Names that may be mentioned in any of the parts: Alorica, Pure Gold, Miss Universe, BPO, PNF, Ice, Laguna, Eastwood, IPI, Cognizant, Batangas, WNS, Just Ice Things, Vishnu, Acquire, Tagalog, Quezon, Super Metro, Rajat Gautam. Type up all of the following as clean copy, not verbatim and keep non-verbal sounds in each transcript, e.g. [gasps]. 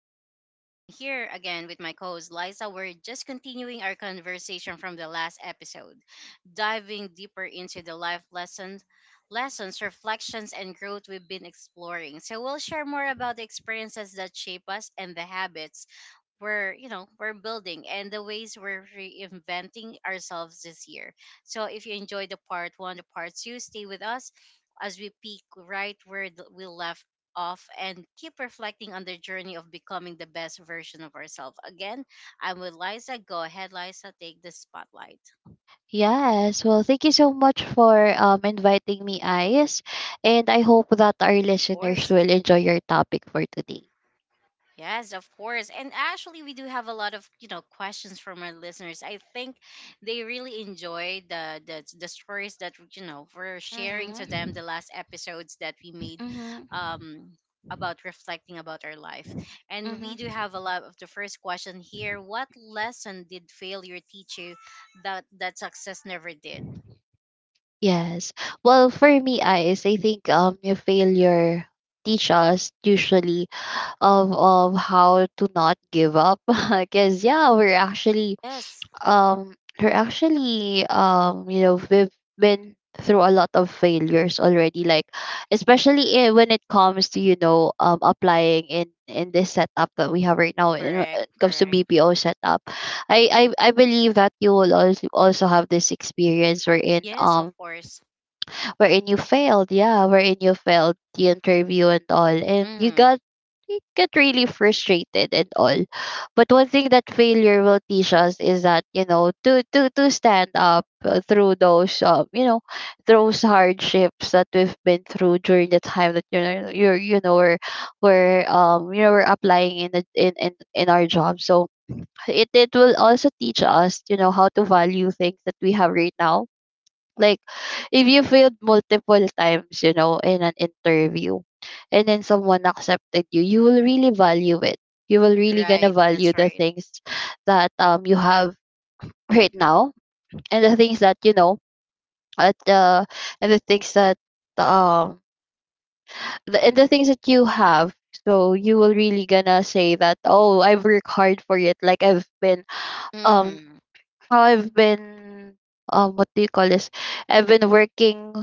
I'm Ice and I'm here again with my co-host Liza. We're just continuing our conversation from the last episode, diving deeper into the life lessons, lessons, reflections, and growth we've been exploring. So we'll share more about the experiences that shape us and the habits we're you know we're building and the ways we're reinventing ourselves this year. So if you enjoyed the part one, the part two, stay with us as we peek right where we left off and keep reflecting on the journey of becoming the best version of ourselves again. I'm with Liza. Go ahead, Liza, take the spotlight. Yes, well, thank you so much for inviting me, Ice. And I hope that our Of listeners course. will enjoy your topic for today. Yes, of course. And actually, we do have a lot of questions from our listeners. I think they really enjoyed the stories that we're sharing to them, Mhm. the last episodes that we made, Mhm. um, about reflecting about our life, and we do Mhm. have a lot of the first question here. What lesson did failure teach you that success never did? Yes. Well, for me, Ice, I think your failure teach us usually of how to not give up [laughs] because yeah Yes, um we're actually we've been through a lot of failures already, like especially when it comes to applying in this setup that we have right now in when correct, it comes to correct. BPO setup. I believe that you will also have this experience wherein Yes, of course. You failed, yeah, wherein you failed the interview and all, and Hmm. You get really frustrated and all. But one thing that failure will teach us is that, you know, to stand up through those those hardships that we've been through during the time that, you know, we're applying in the, in our job. So it will also teach us, you know, how to value things that we have right now. Like if you failed multiple times, you know, in an interview and then someone accepted you, you will really value it. You will really gonna Right, that's value the right. things that you have right now and the things that you know at and the things that um and the things that you have. So you will really gonna say that, oh, I work hard for it. Like um Hmm. I've been what do you call this? I've been working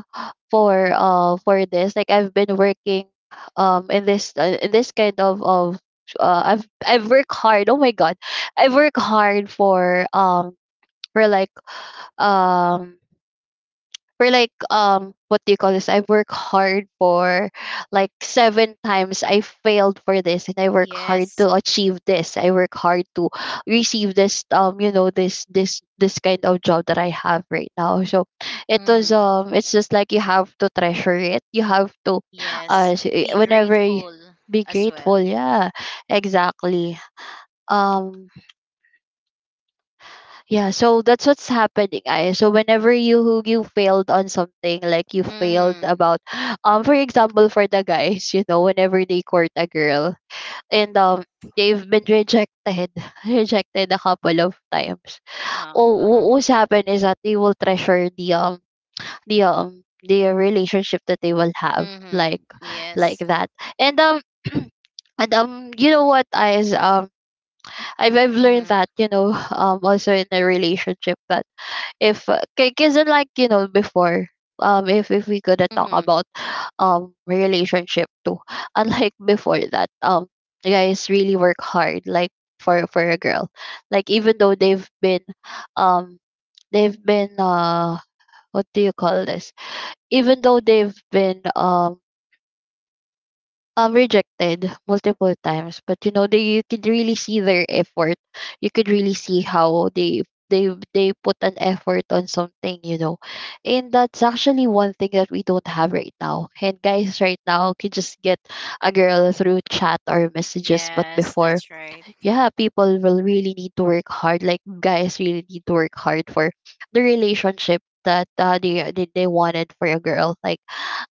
for this. Like I've been working in this kind of I've worked hard. Oh my god. I've worked hard for like um for like what do you call this I work hard for like seven times I failed for this and I work hard Yes. to achieve this I work hard to receive this, this this kind of job that I have right now. So it was Mm-hmm. It's just like you have to treasure it, you have to Yes. Be whenever grateful be as grateful, well. yeah. Exactly. um yeah, so that's what's happening. I So whenever you failed on something, like you failed Mm-hmm. about [gasps] for example, for the guys, you know, whenever they court a girl and they've been rejected, [laughs] rejected a couple of times. Oh, Uh-huh. What's happened is that they will treasure the relationship that they will have, Mm-hmm. Yes. like that. And [clears throat] and you know what I is I've learned Mm-hmm. that, you know, [sighs] also in a relationship that if ca- cause like, you know, before, if we gonna talk Mm-hmm. about relationship too, [laughs] unlike before that, guys really work hard, like for a girl, like even though um, they've been what do you call this? Even though they've been rejected multiple times, but you know they, you could really see their effort, you could really see how they put an effort on something, you know. And that's actually one thing that we don't have right now, and guys right now can just get a girl through chat or messages. But Yes, before, that's right. yeah, people will really need to work hard. Like guys really need to work hard for the relationship that, they wanted for a girl. Like,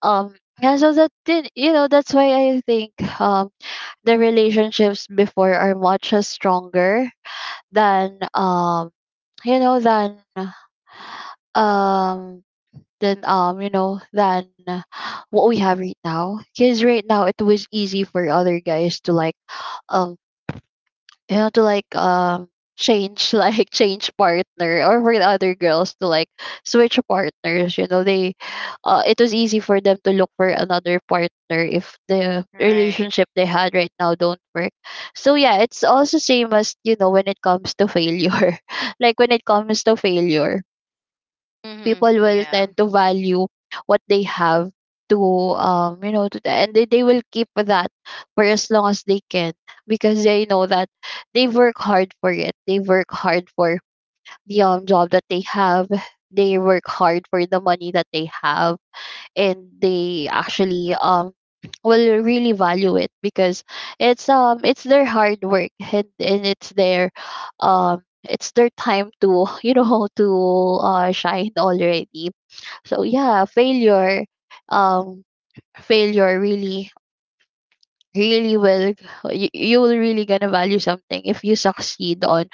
um, yeah. So that, did you know that's why I think um the relationships before are much stronger than you know um than you know than what we have right now. Because right now it was easy for other guys to um. Like change [laughs] like change partner, or for the other girls to like switch partners. You know, they, it was easy for them to look for another partner if the Right. relationship they had right now don't work. So yeah, it's also same as, you know, when it comes to failure [laughs] like when it comes to failure, Mm-hmm. people will Yeah. tend to value what they have to they will keep that for as long as they can, because they know that they work hard for it. They work hard for the job that they have, they work hard for the money that they have, and they actually will really value it because it's their hard work, and it's their time to [laughs] you know to shine already. So yeah, um failure really really will, you will really gonna value something if you succeed on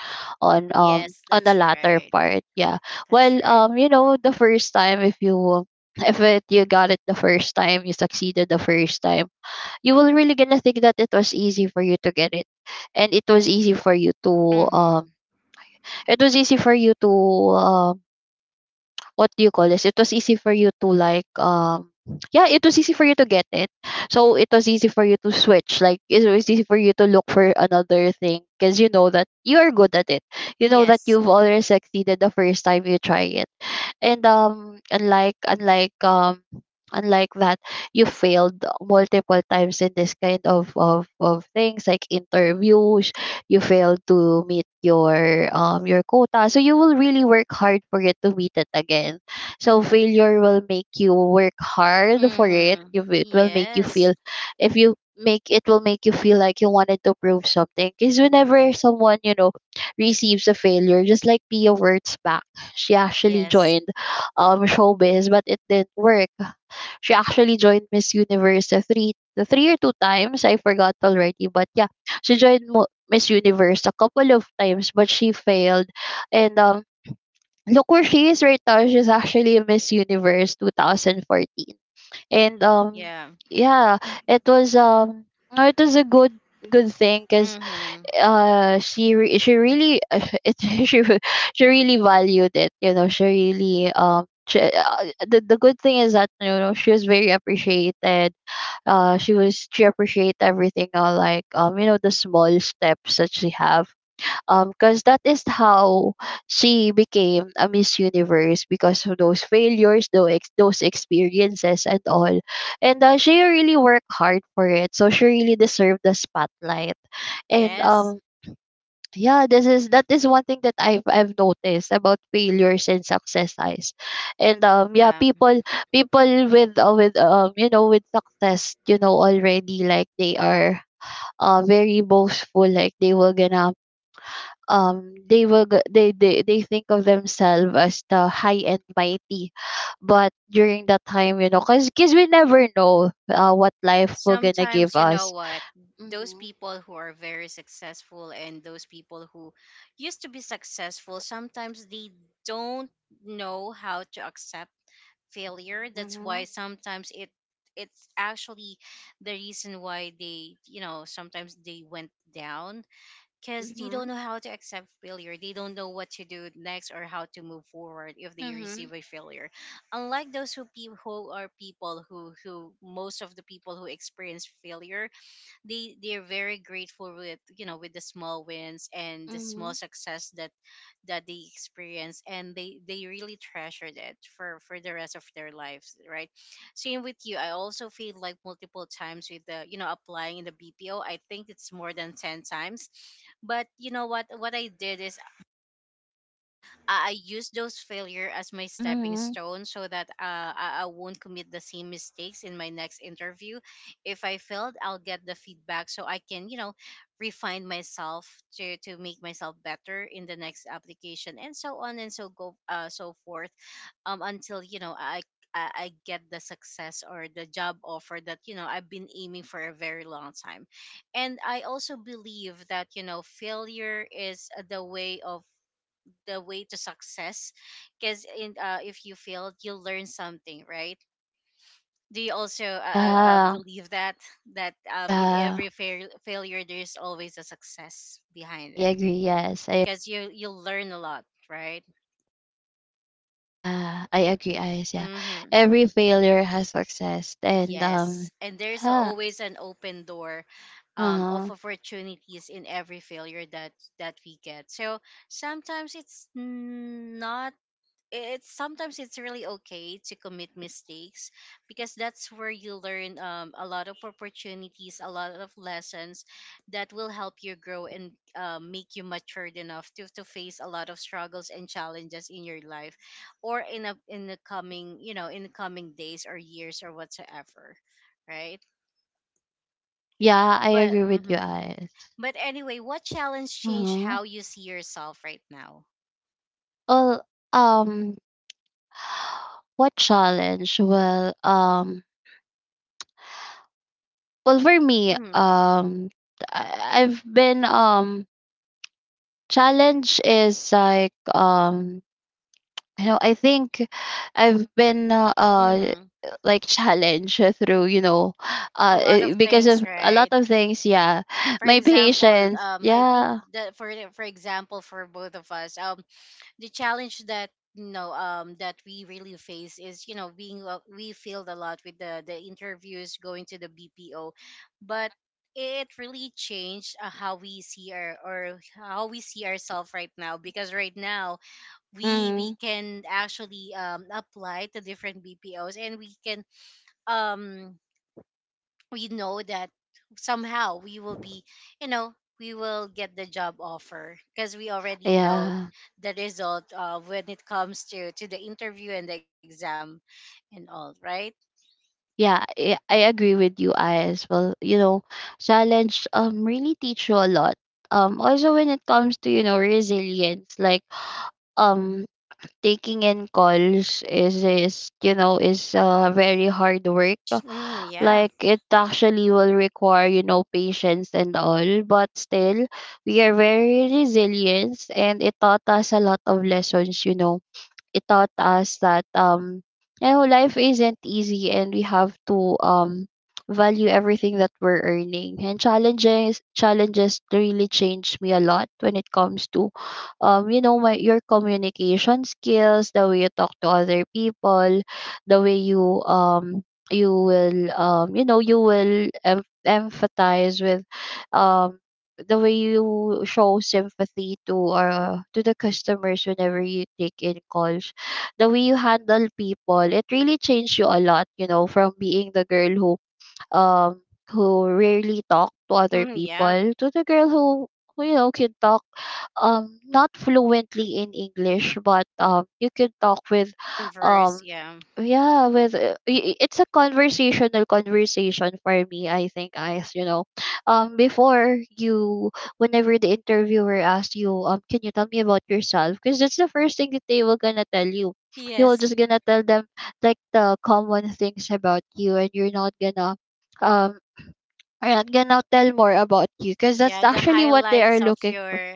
Yes, on the that's latter right. part, yeah. That's Well, right. um, you know, the first time, if you, if it you got it the first time, you succeeded the first time, you will really gonna think that it was easy for you to get it, and it was easy for you to um Mm-hmm. it was easy for you to um what do you call this? It was easy for you to yeah, it was easy for you to get it. So it was easy for you to switch. Like it was easy for you to look for another thing because you know that you are good at it. You know that Yes. you've already succeeded the first time you try it. And um, unlike that, you failed multiple times in this kind of things like interviews. You failed to meet your quota, so you will really work hard for it to meet it again. So failure will make you work hard for it. Mm-hmm. You It will make you Yes. feel, if you make it will make you feel like you wanted to prove something, because whenever someone, you know, receives a failure, just like Pia words back, she actually Yes. joined showbiz, but it didn't work. She actually joined Miss Universe three the three or two times. I forgot already, but yeah, she joined Miss Universe a couple of times, but she failed. And look where she is right now. She's actually Miss Universe 2014, and Yeah. yeah, it was no, it was a good thing, cause Mm-hmm. She really [laughs] it she re- she really valued it, you know, she really she, the good thing is that, you know, she was very appreciated, she was, she appreciate everything, like you know the small steps that she have, because that is how she became a Miss Universe, because of those failures, those experiences and all. And she really worked hard for it, so she really deserved the spotlight. And Yes. um, yeah, this is that is one thing that I've noticed about failures and successes. And um, yeah, Yeah. people, people with, with success, you know, already, like they are very boastful, like they were gonna they will they think of themselves as the high and mighty. But during that time, you know, because we never know, what life will gonna give Sometimes, you know us. what, those Mm-hmm. people who are very successful and those people who used to be successful, sometimes they don't know how to accept failure. That's why Hmm. sometimes it's actually the reason why they, you know, sometimes they went down because they don't Hmm. know how to accept failure. They don't know what to do next or how to move forward if they receive a failure. Unlike those who, who are people who most of the people who experience failure, they they're very grateful with, you know, with the small wins and the small Hmm. success that that they experience, and they really treasured it for the rest of their lives, right? Same with you, I also feel like multiple times with the, you know, applying in the BPO, I think it's more than 10 times, but you know what I did is I use those failure as my stepping Hmm. stone so that I won't commit the same mistakes in my next interview. If I failed, I'll get the feedback so I can, you know, refine myself to make myself better in the next application, and so on and so go so forth until, you know, I get the success or the job offer that, you know, I've been aiming for a very long time. And I also believe that, you know, failure is the way of the way to success, because in if you failed, you'll learn something, right? Do you also Yeah. believe that that in Yeah. every failure there's always a success behind I it, agree. Yes. I because you you'll learn a lot, right? Yeah, I agree, Ice. Yeah. Mm-hmm. Every failure has success. And um, Yes, and there's yeah. always an open door of Uh-huh. opportunities in every failure that that we get. So sometimes it's not, it's sometimes it's really okay to commit mistakes, because that's where you learn a lot of opportunities, a lot of lessons that will help you grow and make you matured enough to face a lot of struggles and challenges in your life, or in a in the coming, you know, in the coming days or years or whatsoever, right? Yeah, I But agree with you, Ice. but anyway, what challenge changed Uh-huh. how you see yourself right now? Well, um, what challenge? Well, for me, Mm-hmm. I've been challenge is like you know, I think I've been uh, uh Mm-hmm. like challenge through you know A uh lot of eh, because things, of a lot right? of things, yeah, For my example, patience. I think Yeah, that for example, for both of us, the challenge that, you know, that we really face is, you know, being we failed a lot with the interviews going to the BPO, but it really changed how we see our, or how we see ourselves right now, because right now we mm, can actually apply to different BPOs and we can um we know that somehow we will be, you know, we will get the job offer because we already know yeah. the result of when it comes to the interview and the exam and all, right? I agree with you. I as well, you know, challenge really teach you a lot, also when it comes to, you know, resilience. Like, um taking in calls is you know, is very hard work. Mm, yeah. Like, it actually will require, you know, patience and all, but still we are very resilient and it taught us a lot of lessons, you know. It taught us that, you know, life isn't easy and we have to, value everything that we're earning. And challenges really changed me a lot when it comes to, you know, my your communication skills, the way you talk to other people, the way you you will you know, you empathize with, um the way you show sympathy to the customers whenever you take in calls, the way you handle people. It really changed you a lot, you know, from being the girl who, um who rarely talk to other Mm, yeah. people, to the girl who, you know, can talk, not fluently in English, but you can talk with, Converse, um yeah. yeah, with it's a conversation for me, I think, guys, you know. Before you Whenever the interviewer asks you, can you tell me about yourself, because that's the first thing that they will gonna tell you, you will Yes. just gonna tell them like the common things about you, and you're not gonna um are not gonna tell more about you, because that's Yeah, the actually what they are highlights of looking for. your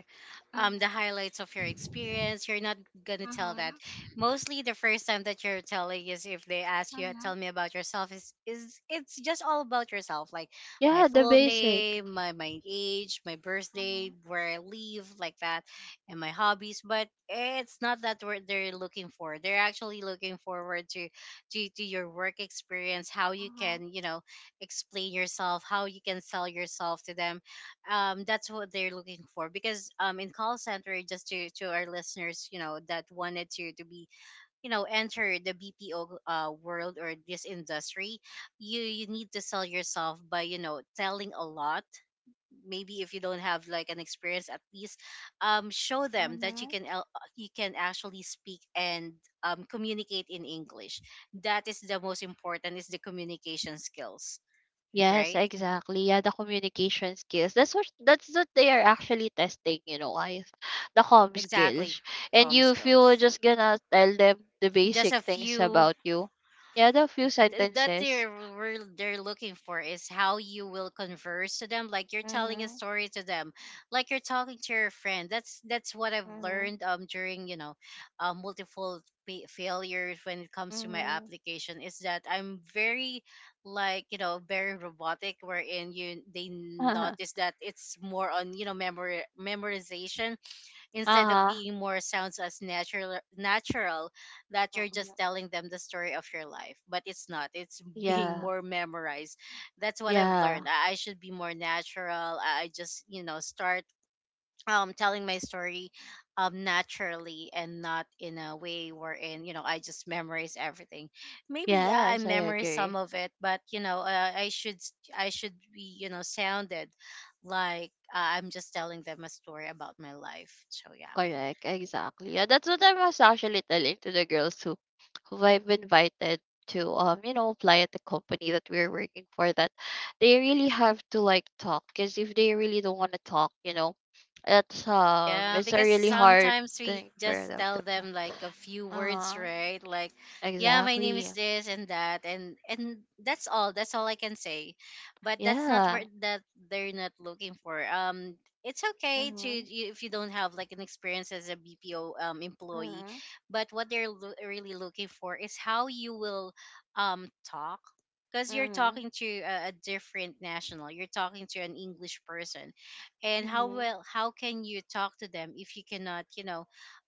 the Mm-hmm. highlights of your experience. You're not gonna tell that. Mm-hmm. Mostly the first time that you're telling is, if they ask you, Mm-hmm. tell me about yourself, is it's just all about yourself. Like my Yeah, the full basic. name, my age, my birthday, Mm-hmm. where I live, like that, and my hobbies. But it's not that what they're looking for. They're actually looking forward to to your work experience, how you Mm-hmm. can, you know, explain yourself, how you can sell yourself to them. That's what they're looking for because in call center, just to our listeners, you know, that wanted to be, you know, enter the BPO world or this industry, you need to sell yourself by, you know, telling a lot. Maybe if you don't have like an experience, at least show them that you Mm-hmm. can you can actually speak and communicate in English. That is the most important, is the communication skills, Yes, right? exactly. Yeah, the communication skills. That's what, that's what they are actually testing, you know, guys. The comm Exactly. skills. And Calm you, if you were skills. just gonna tell them the Just basic a things few about you. Yeah, the few that sentences. they're they're looking for is how you will converse to them, like you're telling a Mm-hmm. story to them, like you're talking to your friend. That's what I've Mm-hmm. learned during, you know, multiple failures when it comes to my Mm-hmm. [laughs] application, is that I'm very, like, you know, very robotic, wherein you, they Uh-huh. notice that it's more on, you know, memorization instead of Uh-huh. being more sounds as natural natural, that you're Mm-hmm. just telling them the story of your life, but it's not, it's [laughs] being Yeah. more memorized. That's what I've Yeah. learned. I should be more natural. I just, you know, start telling my story naturally, and not in a way wherein, you know, I just memorize everything. Maybe yeah, I Yes, I memorize some agree. of it, but you know I should I should be, you know, sounded like I'm just telling them a story about my life, so yeah. Correct, exactly. Yeah, that's what I was actually telling to the girls who I've invited to, you know, apply at the company that we're working for, that they really have to like talk, because if they really don't want to talk, you know, Yeah, it's a because really hard sometimes we thing for just them to tell pass. them like a few words, uh right? Like, yeah, my name exactly. is this and that, and that's all. That's all I can say. But that's not Yeah. what that they're not looking for. It's okay to Mm-hmm. If you don't have like an experience as a BPO employee, Mm-hmm. but what they're really looking for is how you will talk. Because you're Mm-hmm. talking to a different national, you're talking to an English person, and how Mm-hmm. well, how can you talk to them if you cannot, you know,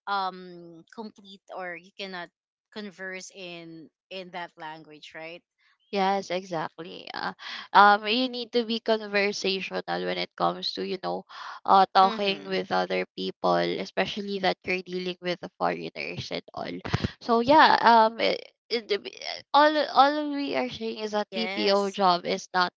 complete, or you cannot converse in that language, right? Yes, exactly. You need to be conversational when it comes to, you know, talking Mm-hmm. with other people, especially that you're dealing with the foreigners and all. So yeah, all we are saying is that BPO Yes. job is not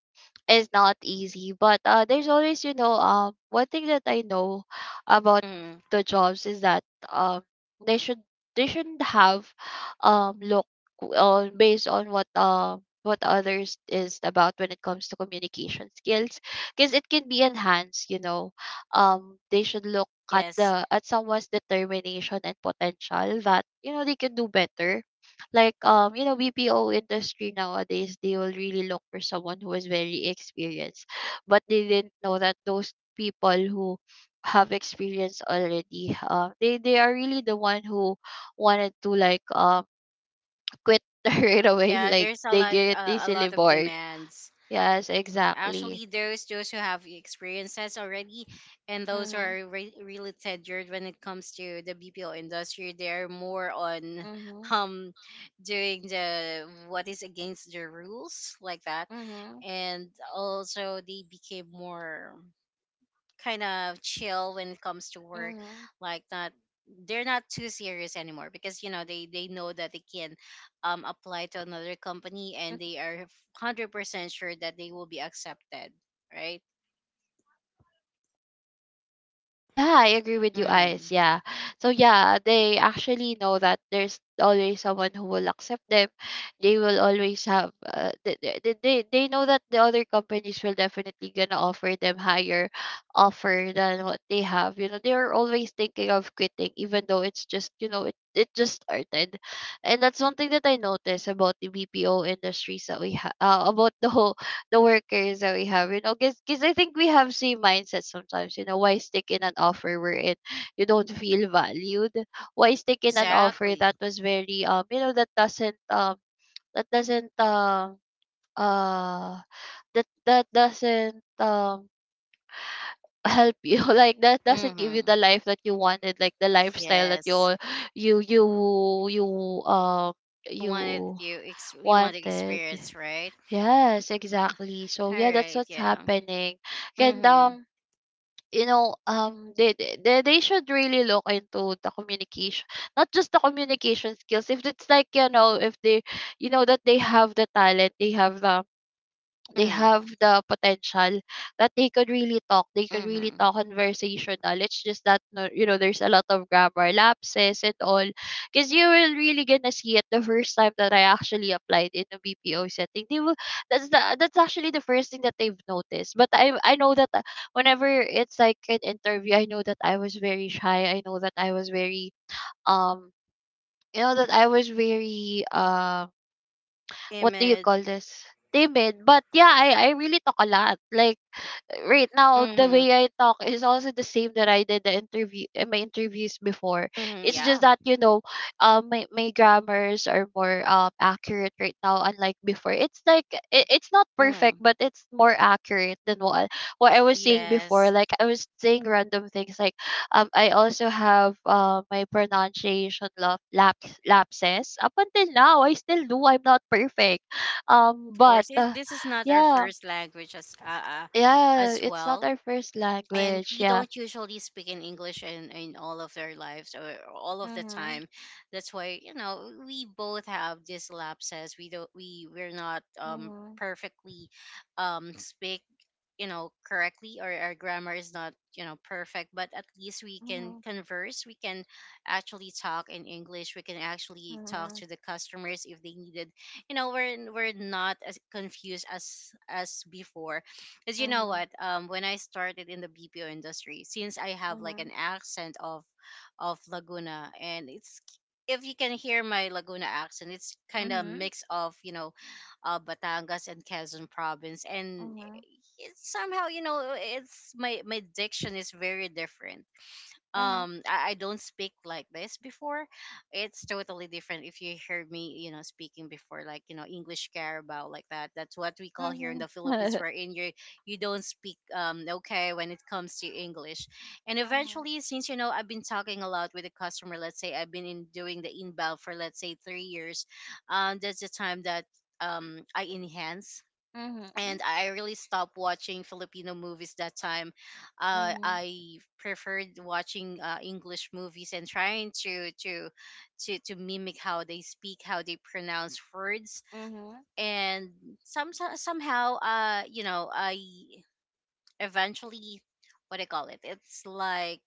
is not easy, but there's always, you know, one thing that I know about Mm-hmm. the jobs is that, um they should they shouldn't have, look on based on what others is about when it comes to communication skills, because it can be enhanced, you know. They should look at Yes. the at someone's determination and potential, that you know, they can do better. Like, you know, BPO industry nowadays, they will really look for someone who is very experienced, but they didn't know that those people who have experience already, they are really the one who wanted to like, quit [laughs] right away, Yeah, like there's a they like get a easily lot of bored. demands. Yes, exactly. Actually, those who have experiences already, and those who Mhm. are really tenured when it comes to the BPO industry, they're more on [laughs] Mhm. um doing the what is against the rules, like that, Mhm. and also they became more kind of chill when it comes to work, Mhm. like not, they're not too serious anymore, because you know they know that they can apply to another company and they are 100% sure that they will be accepted, right? Yeah, I agree with you, Ice. Mm. Yeah. So yeah, they actually know that there's always someone who will accept them. They will always have they know that the other companies will definitely gonna offer them higher offer than what they have. You know, they are always thinking of quitting, even though it's just, you know, it just started. And that's one thing that I noticed about the BPO industries that we have, about the workers that we have, you know, because I think we have same mindset sometimes. You know, why stick in an offer wherein you don't feel valued? Why stick in an offer Exactly. that was very, you know, that that doesn't um uh doesn't, help you, [laughs] like that doesn't give you Mm-hmm. the life that you wanted, like the lifestyle that Yes. You you you um You you wanted, you you want to wanted. experience, right? Yes, exactly. So All yeah, that's right, what's yeah. happening. And Mm-hmm. You know, they should really look into the communication, not just the communication skills. If it's like, you know, if they, you know, that they have the talent, they have the, they Mm-hmm. have the potential, that they could really Mm-hmm. talk conversational. It's just that you know, there's a lot of grammar lapses and all, because you will really gonna see it. The first time that I actually applied in a BPO setting, they will that's the, that's actually the first thing that they've noticed. But I know that, whenever it's like an interview, I know that I was very shy, I know that I was very, um you know that I was very, what do you Image. call this? Timid. But yeah, I really talk a lot. Like right now, the Mm-hmm. way I talk is also the same that I did the interview in my interviews before. Mm-hmm. It's Yeah. just that, you know, my grammars are more accurate right now, unlike before. It's like it's not perfect, Mm-hmm. but it's more accurate than what I was saying before. Yes. Like I was saying random things. Like I also have, my pronunciation lapses up until now. I still do. I'm not perfect. But Course it, this is not our yeah, first language yeah, as it's not well, our first and language. we Yeah. don't usually speak in English in all of their lives or all of the Mm-hmm. time. That's why, you know, we both have these lapses. We don't, we we're not Mm-hmm. perfectly speak, you know, correctly, or our grammar is not, you know, perfect, but at least we can converse, we can actually talk in English, we can actually talk Mm-hmm. to the customers if they needed. You know, we're not as confused as before, because you know Mm-hmm. what, when I started in the BPO industry, since I have like Mm-hmm. an accent of Laguna, and it's, if you can hear my Laguna accent, it's kind of mix of, you know, Batangas and Quezon province. And it's somehow, you know, it's my diction is very different. I don't speak like this before. It's totally different. If you heard me, you know, speaking before, like, you know, english carabao, like that, that's what we call here in the Philippines, wherein you you don't speak, okay, when it comes to english. And eventually, since, you know, I've been talking a lot with the customer, let's say I've been in doing the inbound for let's say 3 years. That's the time that I enhance, and I really stopped watching Filipino movies that time. I preferred watching English movies and trying to mimic how they speak, how they pronounce words, and somehow, you know, I eventually, what I call it, it's like,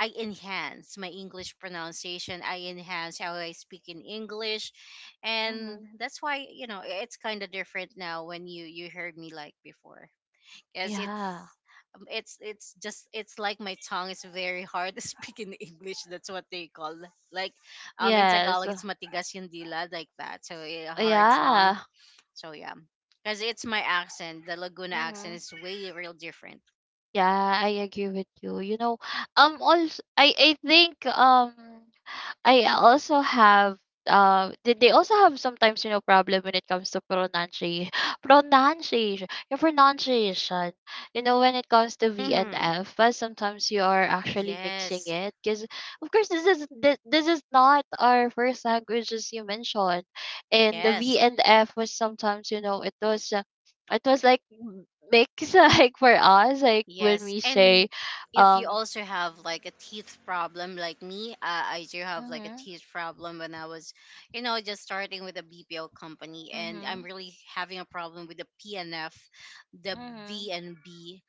I enhance my English pronunciation. I enhance how I speak in English, and Mm-hmm. that's why, you know, it's kind of different now when you heard me like before. Yes, it's, Yeah. It's just it's like my tongue is very hard to [laughs] speak in English. That's what they call, like, in Yes. Tagalog it's matigas yung dila, like that. So eh, a hard tongue. Yeah. So yeah, because it's my accent. The Laguna accent Mm-hmm. is way real different. Yeah, I agree with you. You know, also I think, I also have, they also have sometimes, you know, problem when it comes to pronunciation [laughs] pronunciation your pronunciation, you know, when it comes to V and Mm-hmm. F. But sometimes you are actually mixing Yes, it, because of course this is not our first language, as you mentioned. And the yes. V and F was sometimes, you know, it was, it was like mix [laughs] like for us, like when Yes, we say, and if you um also have like a teeth problem, like me, I do have like a hmm, teeth problem when I was, you know, just starting with a BPO company, and I'm hmm, really having a problem with the PNF, the hmm, V and B.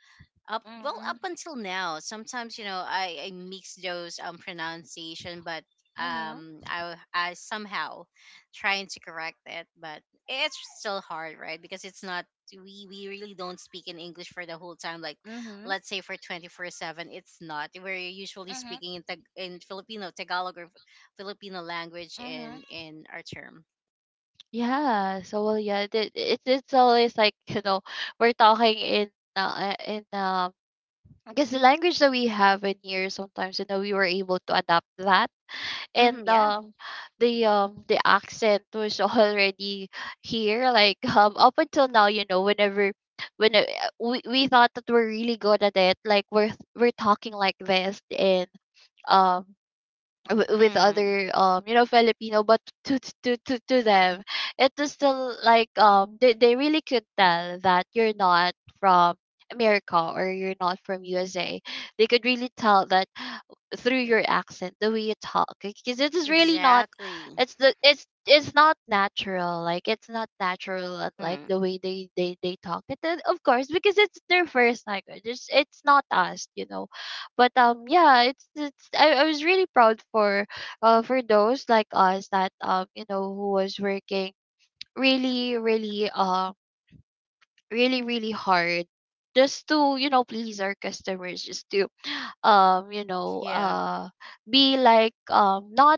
Up, well, hmm. up until now, sometimes, you know, I mix those pronunciation, but Mhm. I somehow trying to correct it, but it's still hard, right? Because it's not, we really don't speak in English for the whole time. Like, Mhm. let's say, for 24/7, it's not. We're usually Mhm. speaking in Filipino Tagalog or Filipino language Mhm. in our term. Yeah, so well, yeah, it's it's always like [laughs] you know, we're talking in, uh, uh, in um I guess the language that we have in here, sometimes, you know, we were able to adapt that. Hmm, And yeah. The, the accent was [laughs] already here. Like, up until now, you know, whenever, when we thought that we're really good at it, like we're talking like this. And, um with Mm, other, you know, Filipino, but to them, it is still like, they really could tell that you're not from America, or you're not from USA. They could really tell that through your accent, the way you talk, because it is really not, exactly. it's the it's not natural. Like it's not natural, like Mm, the way they they talk. And of course, because it's their first language, it's not us, you know. But, yeah, it's, I was really proud for, for those like us that, you know, who was working really really um really really hard, just to you know, please our customers, just to, you know, yeah. Be like, not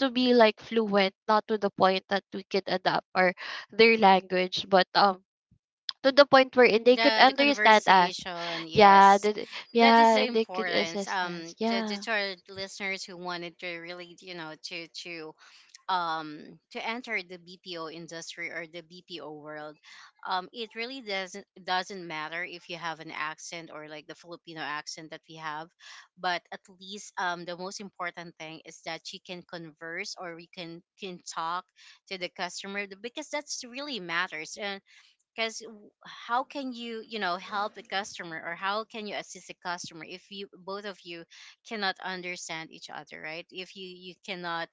to be like fluent, not to the point that we could adapt or their language, but, to the point wherein they could The understand us. conversation, Yeah, yes, the, that is yeah, the and they could importance, assist us, to yeah. our listeners who wanted to really, you know, to enter the BPO industry or the BPO world. It really doesn't matter if you have an accent or like the Filipino accent that we have. But at least, the most important thing is that you can converse, or we can talk to the customer, because that's really matters. Because how can you, you know, help the customer, or how can you assist the customer if you, both of you, cannot understand each other, right? If you cannot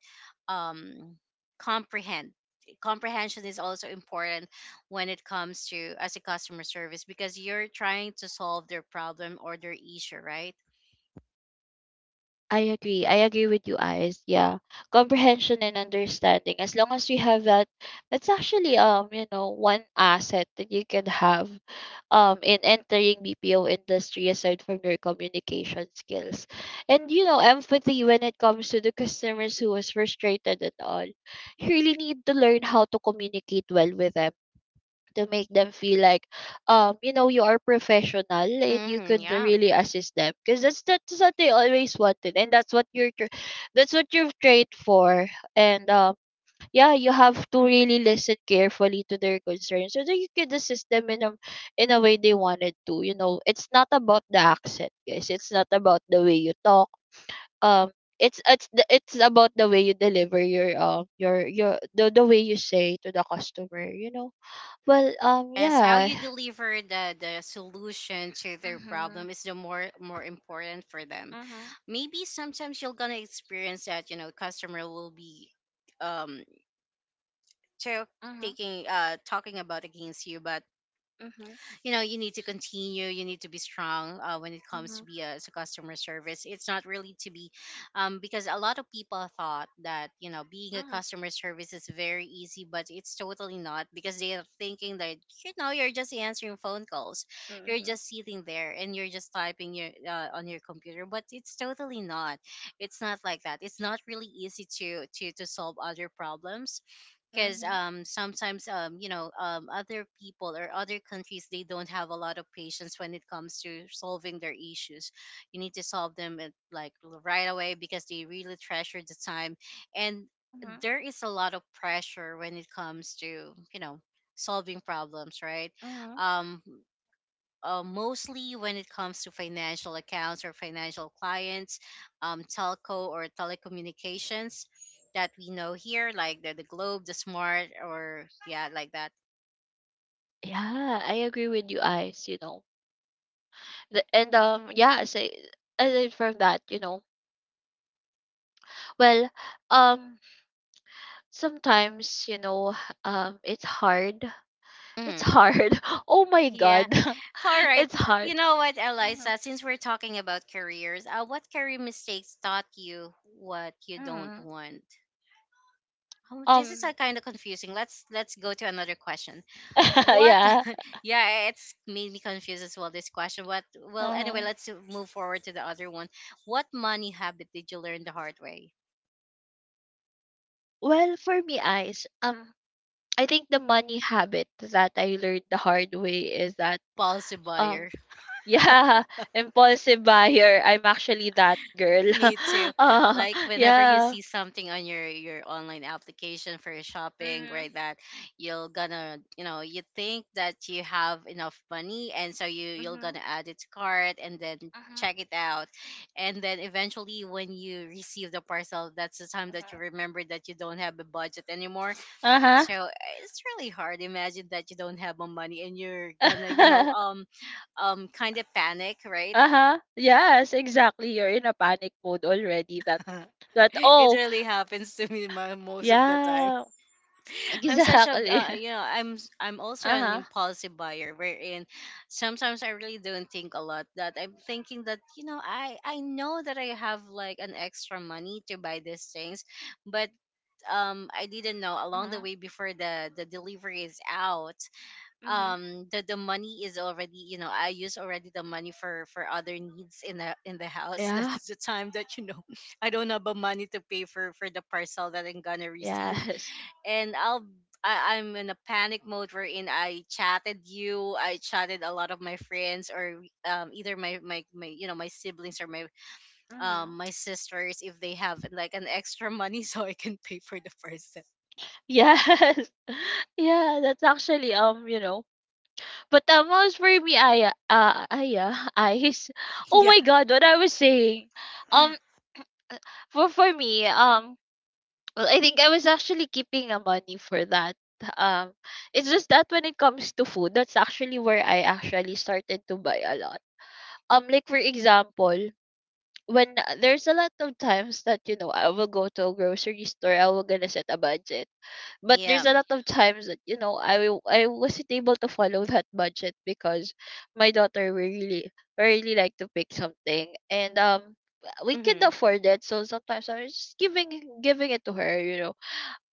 um comprehend. Comprehension is also important when it comes to as a customer service, because you're trying to solve their problem or their issue, right? I agree. I agree with you, Ice. Yeah. Comprehension and understanding. As long as we have that, that's actually, you know, one asset that you can have, in entering BPO industry, aside from your communication skills. And you know, empathy when it comes to the customers who was frustrated and all. You really need to learn how to communicate well with them, to make them feel like, you know, you are professional and you Mm-hmm, could yeah. really assist them, because that's what they always wanted, and that's that's what you've trained for. And yeah, you have to really listen carefully to their concerns, so that you could assist them in a, in a way they wanted to. You know, it's not about the accent, guys, it's not about the way you talk, um it's it's about the way you deliver your, the way you say to the customer, you know. Well, Yes, how yeah, you [sighs] deliver the solution to their problem is the more important for them. Maybe sometimes you're gonna experience that, you know, customer will be, um to taking, talking about against you, but you know, you need to continue, you need to be strong, when it comes to be a, as a customer service. It's not really to be, because a lot of people thought that, you know, being a customer service is very easy, but it's totally not, because they are thinking that, you know, you're just answering phone calls, you're just sitting there, and you're just typing your, on your computer, but it's totally not. It's not like that. It's not really easy to solve other problems, because sometimes, you know, other people or other countries, they don't have a lot of patience when it comes to solving their issues. You need to solve them at, like, right away, because they really treasure the time. And there is a lot of pressure when it comes to, you know, solving problems, right? um Mostly when it comes to financial accounts or financial clients, telco or telecommunications that we know here, like the Globe, the Smart, or yeah, like that. yeah, I agree with you, Ice. You know, the, and yeah, say aside from that, you know, well, um, sometimes you know, [sighs] it's hard. It's Mhm. hard. [laughs] Oh my Yeah. God, [laughs] All [laughs] right. it's hard. You know what, Mhm, Eliza, since we're talking about careers, what career mistakes taught you what you don't mhm. want? Oh, this is a Um, kind of confusing. Let's go to another question. [laughs] What? yeah. Yeah, it's made me confused as well. This question, what? Well, anyway, uh let's move forward to the other one. What money habit did you learn the hard way? Well, for me, Ice, I think the money habit that I learned the hard way is that, Policy um. buyer. Yeah, [laughs] impulsive buyer. I'm actually that girl. [laughs] Me too. [laughs] uh, Like, whenever you yeah. see something on your online application for your shopping, right? That you'll gonna, you know, you think that you have enough money, and so you'll gonna add it to cart and then check it out, and then eventually, when you receive the parcel, that's the time that you remember that you don't have a budget anymore. Uh-huh. So it's really hard. Imagine that you don't have a money, and you're gonna, you know, [laughs] kind of panic, right? uh-huh. Yes, exactly. You're in a panic mode already, that, [laughs] that, It oh, really happens to me most of the time. yeah. [laughs] I'm such a, Exactly. You know, I'm also an Uh-huh. impulsive buyer, wherein sometimes I really don't think a lot. That I'm thinking that, you know, I know that I have like an extra money to buy these things, but I didn't know along the Mhm. way before the delivery is out. Mhm. The money is already, you know, I use already the money for other needs in the house [laughs] Yeah. that's the time that, you know, [laughs] I don't have the money to pay for the parcel that I'm gonna receive, Yes. and I'll, I'm in a panic mode wherein I chatted you, I chatted a lot of my friends or either my, you know, my siblings, or my Mhm. My sisters, if they have like an extra money [laughs] so I can pay for the parcel. Yes. [laughs] Yeah, that's actually, you know. But as for me, I [laughs] I [laughs] oh Yeah. my god, what I was saying. um, for me, well, I think I was actually keeping a money for that. Um, it's just that when it comes to food, that's actually where I actually started to buy a lot. Like for example, when there's a lot of times that I will go to a grocery store, I will gonna set a budget, but there's Yeah. a lot of times that I wasn't able to follow that budget because my daughter will really really like to pick something, and we can Hmm. afford it, so sometimes I'm just giving it to her,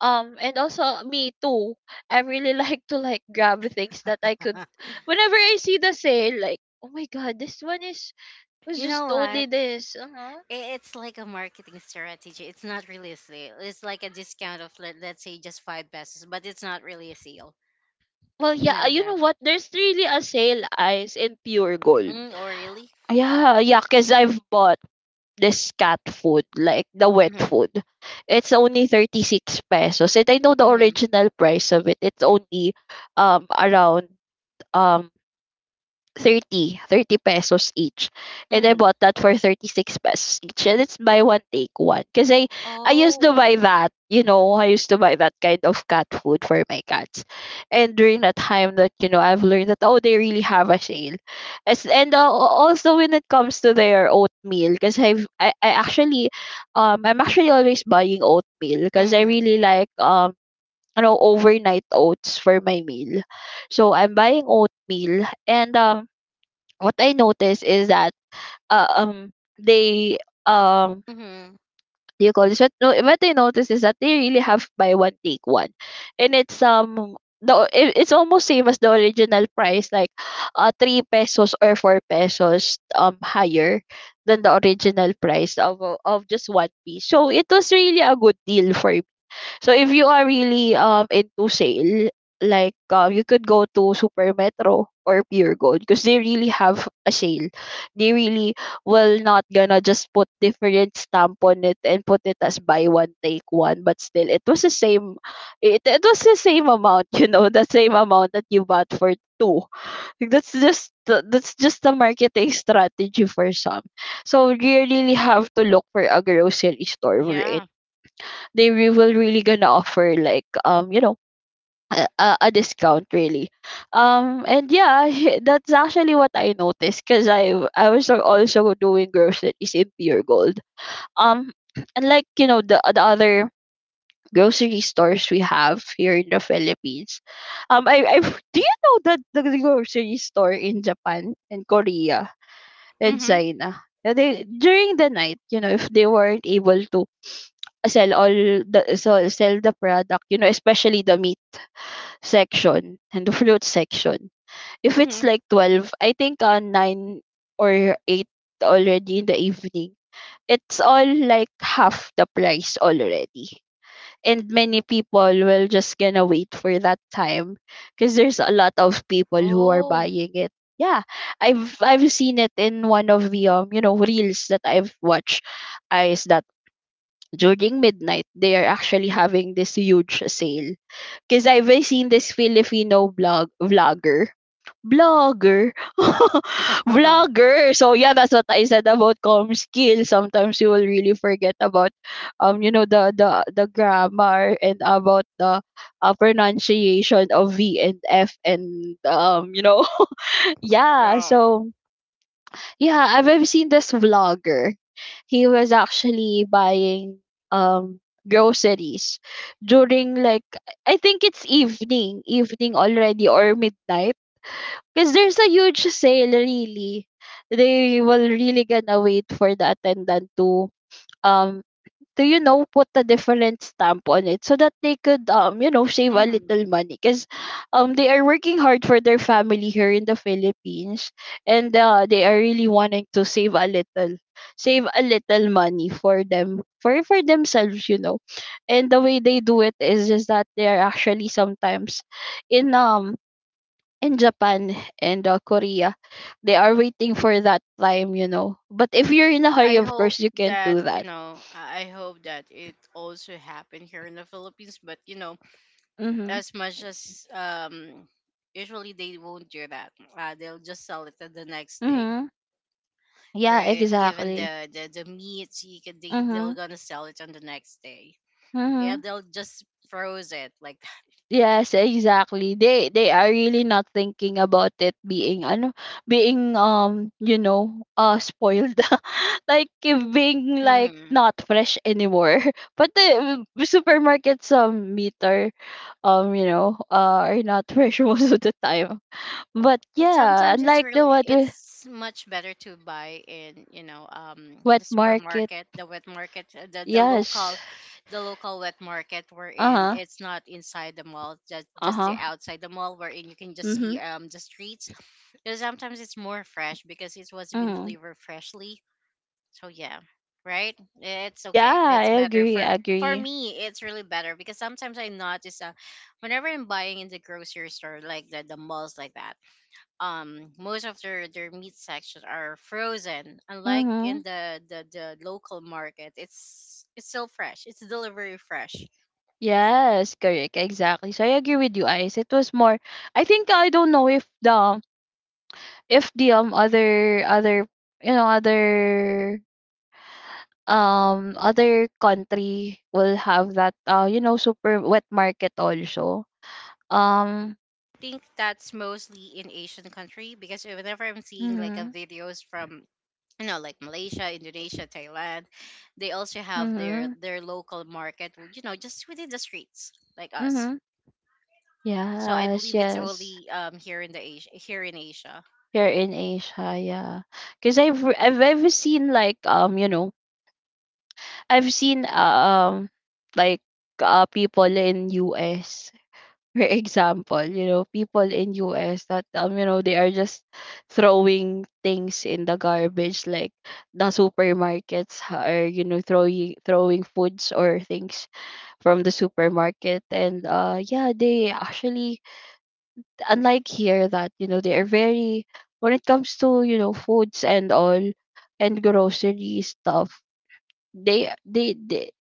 and also me too. I really [laughs] like to, like, grab things that I could whenever I see the sale, like, "Oh my god, this one is [laughs] was You know just only what? this." Uh-huh. I- It's like a marketing strategy. It's not really a sale. It's like a discount of let's say just five pesos, but it's not really a sale. Well, You yeah, know you know that? what, there's really a sale, eyes, in Pure Gold. Mm, oh really? Yeah, yeah, because I've bought this cat food, like the wet Mm-hmm. food. It's only 36 pesos. And I know the Mm-hmm. original price of it. It's only, around, um thirty pesos each. And I Mm-hmm. bought that for 36 pesos each. And it's buy one, take one. Because I used to Oh. buy that, I used to buy that kind of cat food for my cats. And during that time that, I've learned that, oh, they really have a sale. And also when it comes to their oatmeal, because I'm actually always buying oatmeal, because I Mm-hmm. really like, overnight oats for my meal. So I'm buying oatmeal and what I noticed is that, they, um Mm-hmm. do you call this, what, no, what I noticed is that they really have buy one, take one, and it's the it's almost same as the original price, like three pesos or four pesos higher than the original price of just one piece. So it was really a good deal for. So if you are really into sale, like, you could go to Super Metro or Pure Gold because they really have a sale. They really will not gonna just put different stamp on it and put it as buy one, take one, but still it was the same. It was the same amount, [laughs] the same amount that you bought for two. Like, that's just the marketing strategy for some. So you really have to look for a grocery store Yeah. Will really gonna offer like, a discount really, and, yeah, [laughs] that's actually what I noticed because I was also doing groceries in Pure Gold, um [clears throat] and, like, the other grocery stores we have here in the Philippines. I [laughs] do you know that the grocery store in Japan and Korea and Mm-hmm. China, they during the night, if they weren't able to sell the product, especially the meat section and the fruit section, if it's Mm-hmm. like 12, I think, 9 or 8 already in the evening, it's all like half the price already, and many people will just gonna wait for that time because there's a lot of people who are Oh. buying it. Yeah, I've seen it in one of the, reels that I've watched, is that during midnight, they are actually having this huge sale. Because I've seen this Filipino blog vlogger. Blogger. [laughs] [laughs] Vlogger. So yeah, that's what I said about com skill. Sometimes you will really forget about, the grammar, and about the, pronunciation of V and F, and. [laughs] Yeah, Yeah. so, yeah, I've seen this vlogger. He was actually buying um groceries during, like, I think it's evening, already or midnight, because there's a huge sale really. They will really gonna wait for the attendant to, um do you know, put a different stamp on it, so that they could, save a Mm-hmm. little money, because they are working hard for their family here in the Philippines. And they are really wanting to save a little money for them, for themselves. And the way they do it is that they are actually sometimes in um in Japan, and Korea, they are waiting for that time, but if you're in a hurry, I of hope course you can't that, do you that. know, I hope that it also happened here in the Philippines, but you know, Mm-hmm. as much as, usually they won't do that. They'll just sell it the next day, Mm-hmm. Yeah, right? Even exactly. The meats, you can, they're Mhm. gonna sell it on the next day. Yeah, Mhm. they'll just froze it, like, Yes, exactly. They are really not thinking about it being ano, being, spoiled. [laughs] Like, if being, [laughs] like, that. not fresh anymore. [laughs] But the, supermarkets, meter, are not fresh [laughs] most of the time. But But yeah, sometimes it's unlike really the what with it's much better to buy in, you know, wet the market. supermarket, the wet market, the Yes. The local wet market, we're in Uh-huh. it's not inside the mall, just the Uh-huh. outside the mall, wherein you can just see Mhm. The streets, because sometimes it's more fresh, because it was been Mhm. delivered freshly. So yeah, right, it's Yeah, okay, I it's better agree, I for agree. me, it's really better, because sometimes I notice, whenever I'm buying in the grocery store, like the malls like that, most of their meat sections are frozen, unlike in Mhm. The local market. It's still fresh, it's delivery fresh. Yes, correct. Exactly. So I agree with you, Ice. It was more, I think. I don't know if the if the, other other other, other country will have that, super wet market also. Um Think that's mostly in Asian country, because whenever I'm seeing like a mhm. videos from, you know, like Malaysia, Indonesia, Thailand, they also have Mhm. their local market, you know, just within the streets, like us. Mhm. So I Yes, believe it's yes. only, here in the Asia, here in Asia. Here in Asia, yeah. Cuz I've ever seen, like, I've seen, like, people in US, for example, you know, people in US that, they are just throwing things in the garbage, like the supermarkets are, throwing foods or things from the supermarket, and, yeah, they actually, unlike here, that, they are very when it comes to, foods and all, and grocery stuff, they they they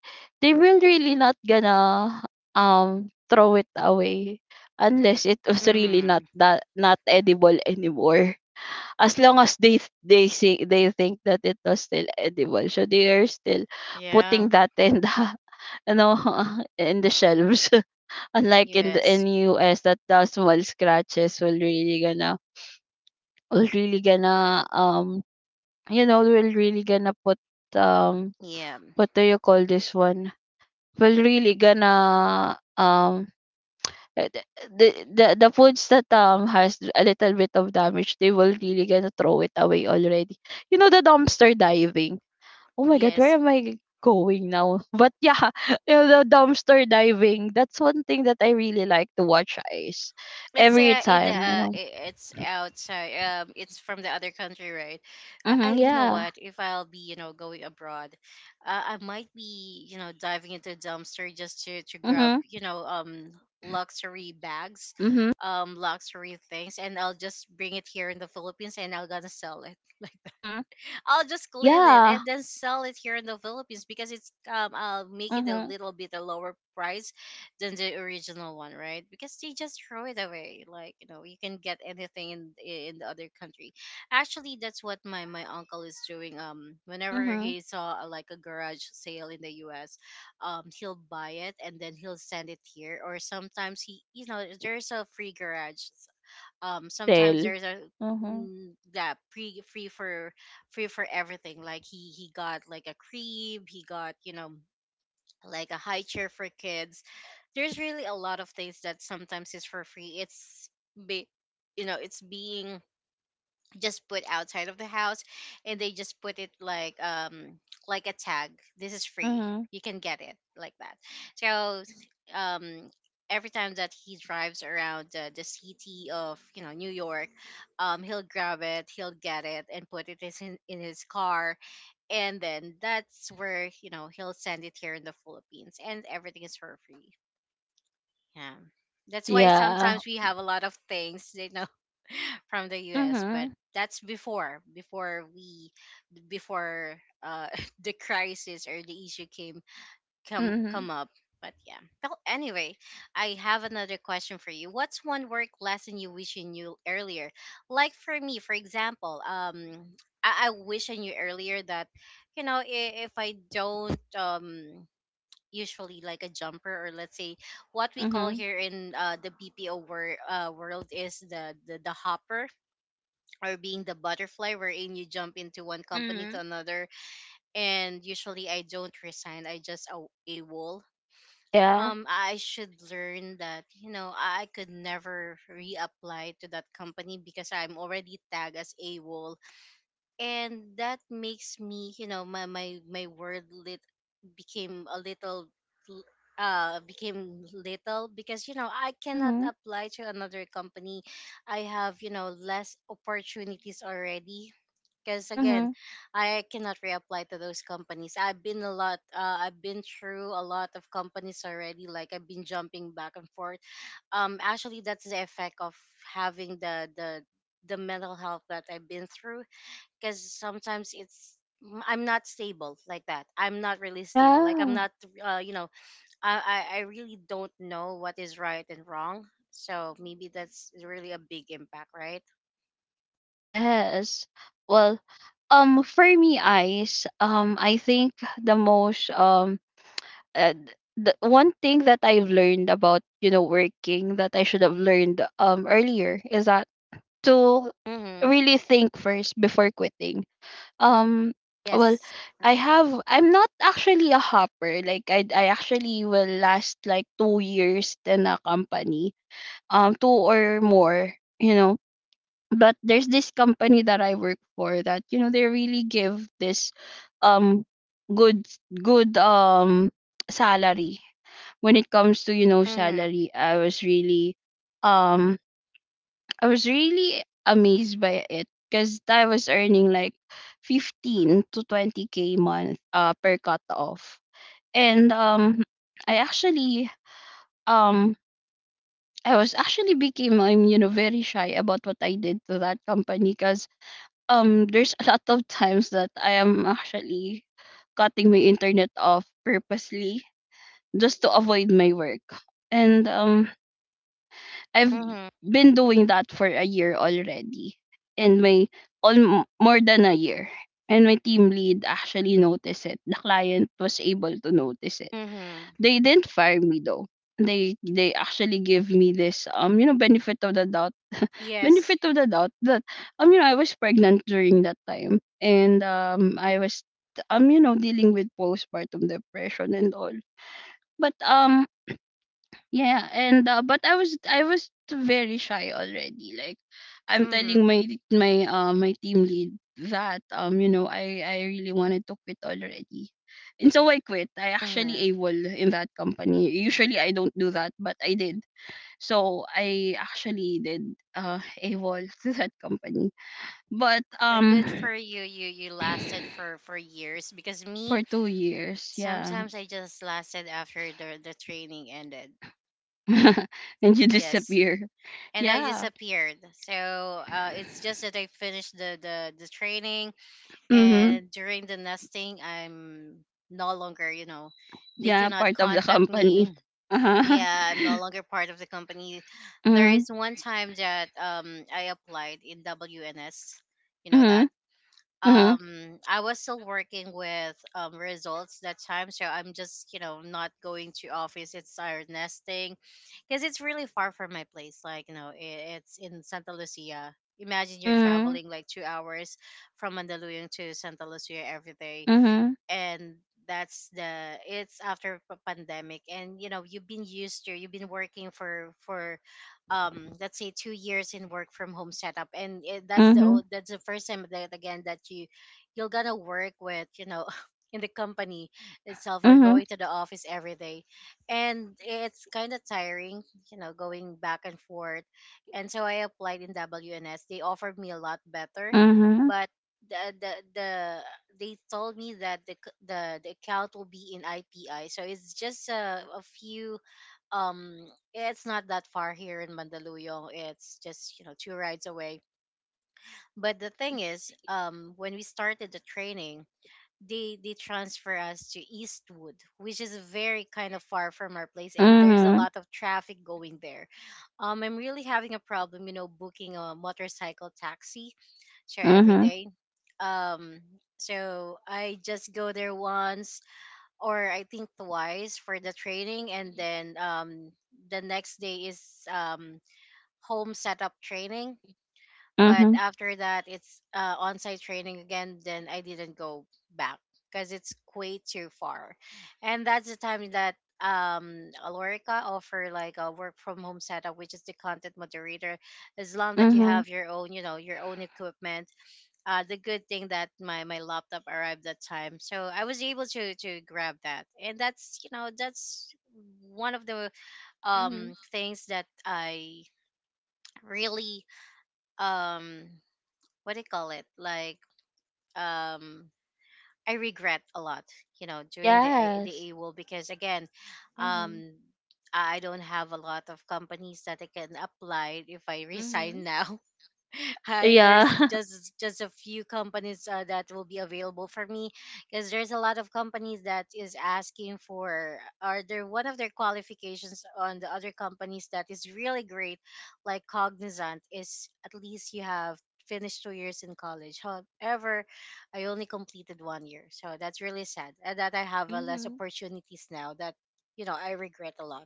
they will really not gonna, throw it away unless it was really not Mm. that, not edible anymore. As long as they, they say they think that it was still edible, so they are still Yeah. putting that in the [laughs] you know [laughs] in the shelves, [laughs] unlike in Yes. US, that the small scratches will really gonna will really gonna put um Yeah. what do you call this one, will really gonna uh, the the the foods that, has a little bit of damage, they will really gonna throw it away already. The dumpster diving. Oh my god, where Yes, am I going now? [laughs] But yeah, [laughs] you know, the dumpster diving, that's one thing that I really like to watch is it's, every in the, time you know it's outside. It's from the other country, right? Mm-hmm. you know Yeah. what? If I'll be, you know, going abroad, I might be, you know, diving into a dumpster just to grab, Mm-hmm. you know, luxury bags, Mm-hmm. Luxury things, and I'll just bring it here in the Philippines, and I'll gonna sell it. [laughs] Mm-hmm. I'll just clean it Yeah. and then sell it here in the Philippines, because it's, I'll make it a Mm-hmm. little bit a lower price than the original one, right? Because they just throw it away. Like, you know, you can get anything in the other country. Actually, that's what my uncle is doing. Whenever Mm-hmm. he saw like a garage sale in the US, he'll buy it and then he'll send it here. Or sometimes, he, there's a free garage. Tell. Sometimes there's a Mm-hmm. That pre- free for free for everything. Like he got like a crib, he got, you know, like a high chair for kids. There's really a lot of things that sometimes is for free. It's be you know, it's being just put outside of the house, and they just put it like a tag, "This is free, Mm-hmm. you can get it," like that. So um every time that he drives around the city of, you know, New York, he'll grab it, he'll get it, and put it in his car. And then that's where, you know, he'll send it here in the Philippines, and everything is for free. Yeah, that's why Yeah. sometimes we have a lot of things, you know, from the US. But Mm-hmm. that's before [laughs] the crisis or the issue came come Mm-hmm. come up. But yeah. Well, anyway, I have another question for you. What's one work lesson you wish you knew earlier? Like for me, for example, I wish I knew earlier that, you know, if I don't usually like a jumper, or let's say what we call Mhm. here in the BPO world is the hopper, or being the butterfly, wherein you jump into one company to Mhm. another. And usually I don't resign, I just a wall. Yeah. I should learn that, you know, I could never reapply to that company because I'm already tagged as a wall. And that makes me, you know, my word lit became a little, l- became little, because, you know, I cannot Mhm. apply to another company. I have, you know, less opportunities already, because again, Mhm. I cannot reapply to those companies. I've been a lot I've been through a lot of companies already, like I've been jumping back and forth. Actually, that's the effect of having the mental health that I've been through, because sometimes it's, I'm not stable like that. I'm not really stable, like I'm Yeah. not you know, I really don't know what is right and wrong, so maybe that's really a big impact, right? Yes. Well, for me, eyes. I think the most, the one thing that I've learned about, working, that I should have learned, earlier, is that to Mm-hmm. really think first before quitting. Um. Well, Yes. I have. I'm not actually a hopper. Like I actually will last like 2 years in a company, two or more, you know but there's this company that I work for that, they really give this, um good, good, salary. When it comes to, Mm-hmm. salary, I was really, um amazed by it because I was earning like 15 to 20k month, per cut off. And I actually, um I was actually became, I'm, very shy about what I did to that company, because there's a lot of times that I am actually cutting my internet off purposely, just to avoid my work. And I've Mm-hmm. been doing that for a year already. And my, all, more than a year. And my team lead actually noticed it. The client was able to notice it. Mm-hmm. They didn't fire me, though. They actually give me this, benefit of the doubt, Yes. That, I was pregnant during that time, and I was, dealing with postpartum depression and all. But, yeah, and, but I was very shy already. Like I'm Mm-hmm. telling my team lead that, I really wanted to quit already. And so I quit. I Mm-hmm. actually AWOL in that company. Usually I don't do that, but I did. So I actually did, AWOL [laughs] to that company. But, Good for you. You [clears throat] lasted for years, because me, for 2 years, yeah. sometimes I just lasted after the training ended. [laughs] And you Yes. disappear. And I Yeah. disappeared. So it's just that I finished the training, Mm-hmm. and during the nesting I'm no longer, you know, they Yeah, cannot part of the contact company. me. Uh-huh. [laughs] Yeah, I'm no longer part of the company. There Mm-hmm. is one time that I applied in WNS, you know that. Mm-hmm. I was still working with Results that time, so I'm just, you know, not going to office. It's our nesting because it's really far from my place. Like, you know, I it's in Santa Lucia. Imagine you're Mm-hmm. traveling like 2 hours from Mandaluyong to Santa Lucia every day. Mm-hmm. And that's the, it's after pandemic, and you know, you've been used to, you've been working for let's say 2 years in work from home setup. And it, that's the Mm-hmm. That's the first time, that again, that you, you're gonna work with, you know, [laughs] in the company itself, or Mm-hmm. going to the office every day. And it's kind of tiring, you know, going back and forth. And so I applied in WNS, they offered me a lot better. Mm-hmm. But the the the they told me that the c- the account will be in IPI, so it's just a few. Um, it's not that far here in Mandaluyong. It's just, you know, two rides away. But the thing is, when we started the training, they transfer us to Eastwood, which is very kind of far from our place, and there's a Mm-hmm. lot of traffic going there. I'm really having a problem, you know, booking a motorcycle taxi. Sure, every day. um, so I just go there once or I think twice for the training, and then the next day is um, home setup training. But after that, it's on-site training again. Then I didn't go back because it's way too far. And that's the time that Alorica offer like a work from home setup, which is the content moderator, as long that you Mm-hmm. have your own, you know, your own equipment. The good thing that my laptop arrived that time, so I was able to grab that. And that's, you know, that's one of the Mm. Things that I really um what do you call it, like, um I regret a lot, you know, during the the Yes. AWOL, because again, um I don't have a lot of companies that I can apply if I [laughs] Mm-hmm. resign now. [laughs] Yeah. There's [laughs] just a few companies that will be available for me, because there's a lot of companies that is asking for, are there one of their qualifications on the other companies that is really great. Like Cognizant is, at least you have finished 2 years in college. However, I only completed one year, so that's really sad, and that I have less Mm-hmm. opportunities now that, you know, I regret a lot.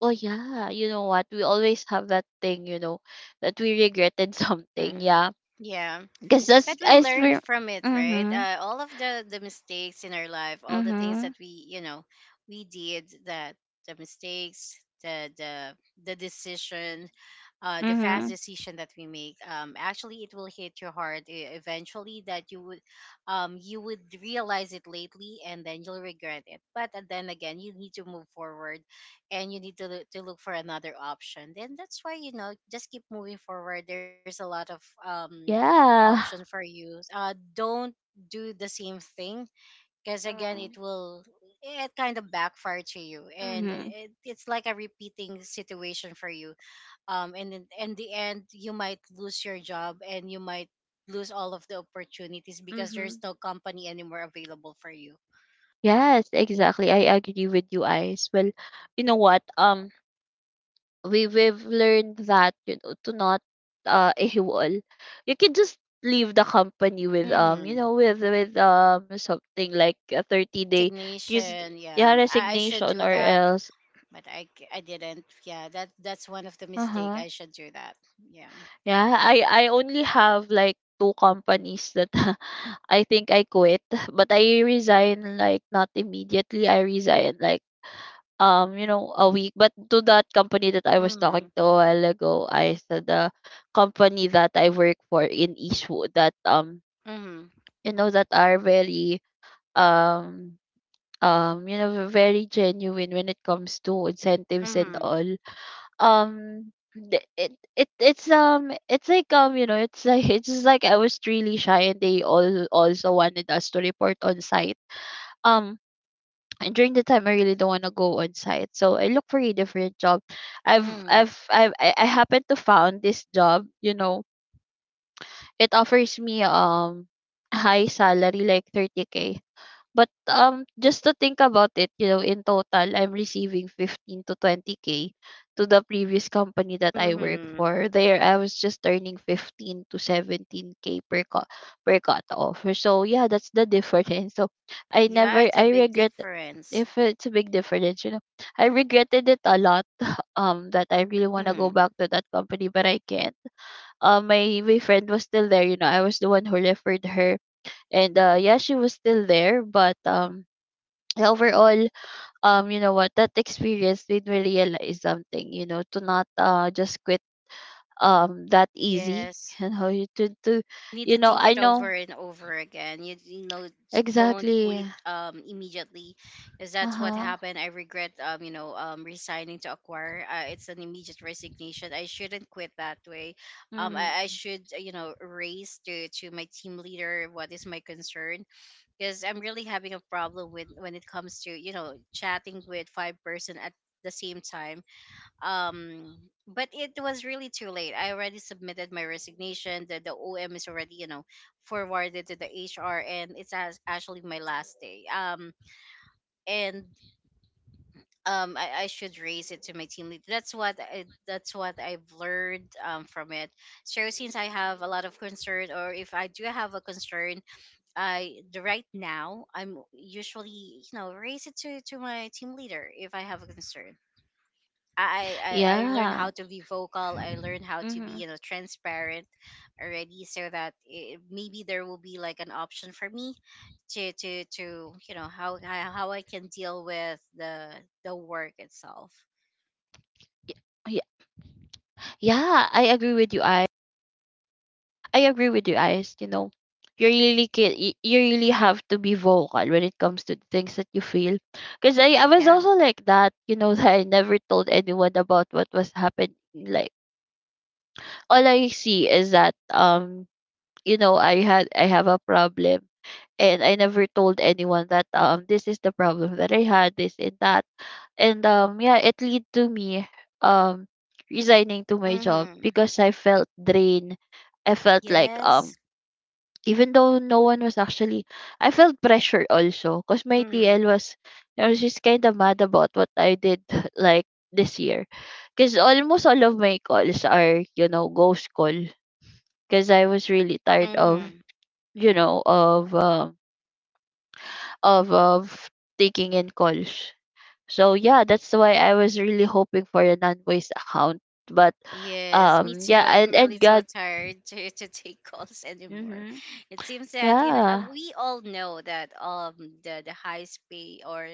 Well, yeah, you know what? We always have that thing, that we regretted [laughs] something. Mm. Yeah. Yeah. Because But that's we as learned for. from it, right? Mm-hmm. All of the mistakes in our life, all the things Mm-hmm. that we, you know, we did, that the mistakes, the the the decision, the fast Mhm. decision that we make. Actually, it will hit your heart, eventually that you would, you would realize it lately, and then you'll regret it. But then again, you need to move forward, and you need to, to look for another option. Then that's why, you know, just keep moving forward. There's a lot of um, Yeah. option for you. Don't do the same thing, because again, it will, it kind of backfire to you, and Mhm. It's like a repeating situation for you. And in the end, you might lose your job, and you might lose all of the opportunities because there's Mhm. no company anymore available for you. Yes, exactly. I agree with you, Ice. Well, you know what? We've learned that, to not, [laughs] AWOL. You can just leave the company with, Hmm. With, something like a 30-day, because, Resignation. yeah, Yeah, I should resignation, do or that, else. but I didn't. Yeah, that's one of the Uh mistake. huh. I should do that. Yeah. Yeah, I only have like two companies that, [laughs] I think I quit, but I resign like not immediately. I resign like, a week. But to that company that I was talking Mm. to a while ago, I said, the company that I work for in Eastwood that Mm. That are very um very genuine when it comes to incentives and Hmm. all. um it's [laughs] it's just like I was really shy, and they all also wanted us to report on site. um and during the time, I really don't want to go on site, so I look for a different job. I've Mm. I've I've I, I happened to found this job. It offers me high salary like 30K, but just to think about it, in total I'm receiving 15 to 20K. To the previous company that I work Mm-hmm. for, there I was just earning 15 to 17K per cut off. So yeah, that's the difference. [laughs] So I Yeah, never it's a I big regret difference. if it's a big difference. I regretted it a lot. [laughs] That I really want to go Mm. back to that company, but I can't. My friend was still there, you know. I was the one who referred her, and yeah, she was still there, but yeah, overall, you know what, that experience made me realize something, to not just quit that easy. [laughs] Yes. You know, you to Need to think I it over know and over again. You know, don't exactly. quit immediately, because that's what Uh-huh. happened. I regret, you know, resigning to acquire. It's an immediate resignation. I shouldn't quit that way. I Mm. should you know, raise to my team leader what is my concern, because I'm really having a problem with, when it comes to, you know, chatting with five person at the same time. um but it was really too late. I already submitted my resignation. The OM is already, you know, forwarded to the HR, and it's actually my last day. And I should raise it to my team lead. That's what that's what I've learned from it. So since I have a lot of concern, or if I do have a concern, I the right now I'm usually, you know, raise it to my team leader if I have a concern. I learned Yeah. how to be vocal. I learned how to be, Mm-hmm. you know, transparent already, so that it, maybe there will be like an option for me to you know, how how I can deal with the work itself. Yeah. Yeah, I agree with you. I agree with you, Ice, you know. You really have to be vocal when it comes to the things that you feel. Because I was Yeah. also like that, you know. [laughs] That I never told anyone about what was happening, like all I see is that I have a problem, and I never told anyone that, this is the problem that I had, this and that. And yeah, it lead to me um resigning to my job Mhm. because I felt drained. I felt like, Yes. Even though no one was actually. I felt pressure also because my TL Mhm. was. I was just kind of mad about what I did, [laughs] like this year, because almost all of my calls are, you know, ghost call, because I was really tired of Mhm. you know of um of of taking in calls. So yeah, that's why I was really hoping for a non-voice account. But Yes, me too. yeah, I'm and really and so God, tired [laughs] to take calls anymore. mm-hmm, It seems that in yeah, we all know that the high pay or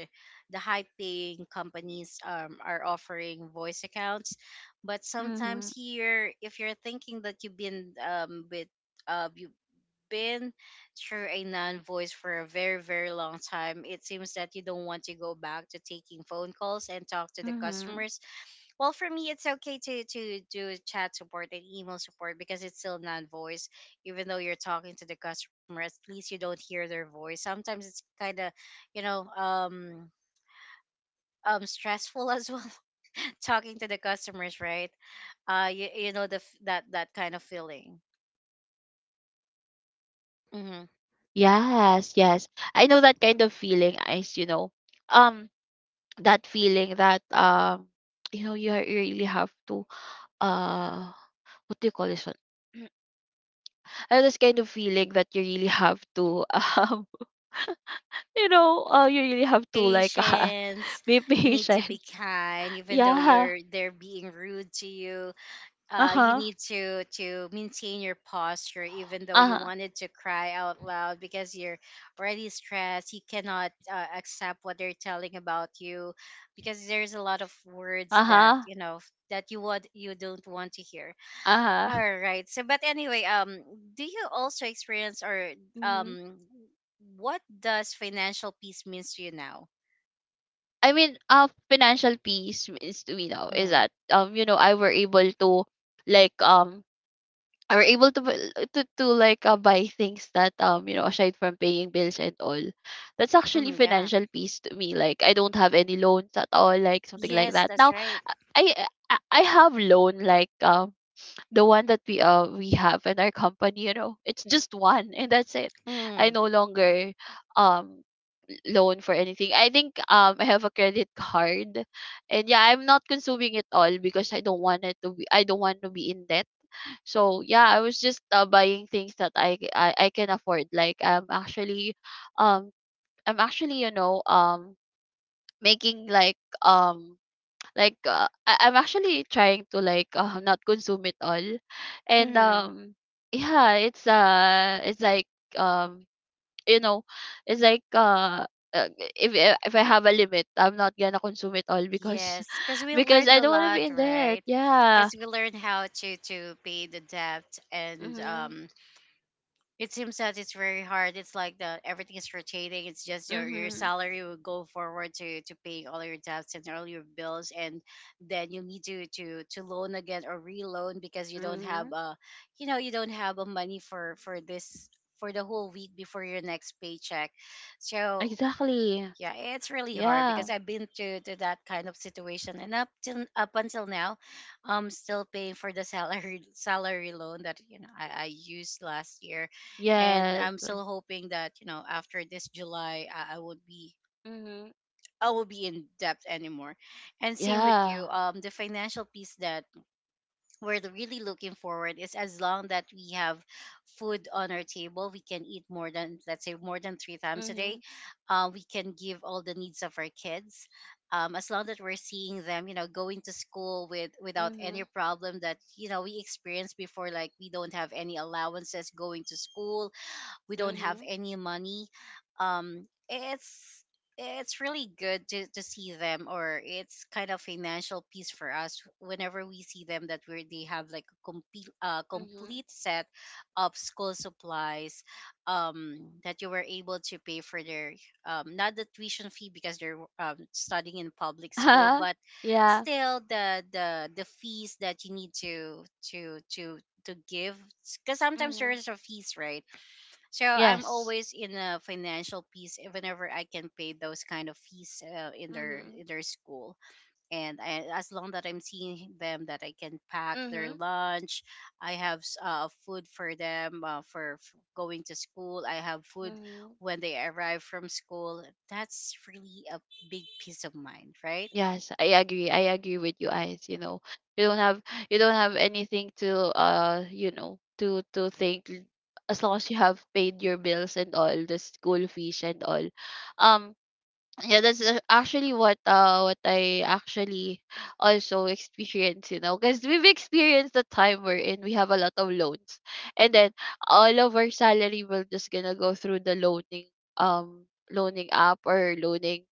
the high paying companies are offering voice accounts. But sometimes mm-hmm. here, if you're thinking that you've been with you've been through a non voice for a very very long time, it seems that you don't want to go back to taking phone calls and talk to the customers. Well, for me, it's okay to do chat support and email support, because it's still non-voice. Even though you're talking to the customer, at least you don't hear their voice. Sometimes it's kind of, you know, stressful as well [laughs] talking to the customers, right? You, you know that kind of feeling. Mm hmm. Yes, yes, I know that kind of feeling. Is You know, um, that feeling that, [tsk] you know, you really have to, uh, what do you call this one? [clears throat] I have this kind of feeling that you really have to, [laughs] you know, you really have to like, [laughs] Patience. be You need to patient. be kind, [laughs] even though Yeah. you're they're being rude to you. You Uh-huh. need to maintain your posture, even though you Uh-huh. wanted to cry out loud because you're already stressed. You cannot accept what they're telling about you, because there's a lot of words that, Uh-huh. you know, that you would, you don't want to hear. Uh-huh. All right, so but anyway, do you also experience, or Hmm. um what does financial peace means to you now? I mean, financial peace is, we know, is Mm. that, I were able to like um I were able to like, buy things that, aside from paying bills and all. That's actually Mm, yeah. financial peace to me, like I don't have any loans at all, like something like Yes, that that's now. right. I I have loan, like, the one that we have in our company, you know, it's just one and that's it. I Mm. no longer um loan for anything. I think I have a credit card, and yeah, I'm not consuming it all because I don't want to be in debt. So yeah, I was just, buying things that I can afford, like um I'm actually, making like I'm actually trying to, like, not consume it all, and Mhm. Yeah, it's like um you know it's like uh. uh, if I have a limit, I'm not gonna consume it all, because Yes, because [laughs] we because learned I a don't want to be lot, in debt. right? Because Yeah. we learned how to pay the debt, and Mhm. It seems that it's very hard. It's like the everything is rotating. It's just your Mhm. salary will go forward to paying all your debts and all your bills, and then you need to loan again or reloan, because you don't have Mhm. a, you know, you don't have a money for this, for the whole week before your next paycheck. So Exactly. yeah, it's really hard because Yeah. I've been through to that kind of situation and up until now I'm still paying for the salary [laughs] salary loan that you know I used last year, and Yes. I'm still hoping that you know after this july I would be Mhm. I will be in debt anymore, and same with Yeah. you. The financial piece that we're really looking forward is as long that we have food on our table, we can eat more than let's say more than three times a day. Mhm. We can give all the needs of our kids. As long that we're seeing them, you know, going to school with without any Mhm. problem that you know we experienced before, like we don't have any allowances going to school, we don't have Mhm. any money um it's it's really good to see them, or it's kind of financial piece for us whenever we see them that we they have like a complete Mhm. complete set of school supplies, that you were able to pay for their not the tuition fee because they're studying in public school, [laughs] but Yeah. still the fees that you need to to give because sometimes there Mhm. is a fees, right? So I'm Yes. always in a financial peace whenever I can pay those kind of fees Mm-hmm. in their school. And I, as long that I'm seeing them, that I can pack their Mm-hmm. lunch, I have food for them for, f going to school. I have food Mm-hmm. when they arrive from school. That's really a big peace of mind, right? Yes, I agree. I agree with you guys. You know, you don't have you don't have anything to, as long as you have paid your bills and all the school fees and all. Um, yeah, that's actually what I actually also experience. You know, because we've experienced the time wherein we have a lot of loans, and then all of our salary will just gonna go through the um loaning app or loaning,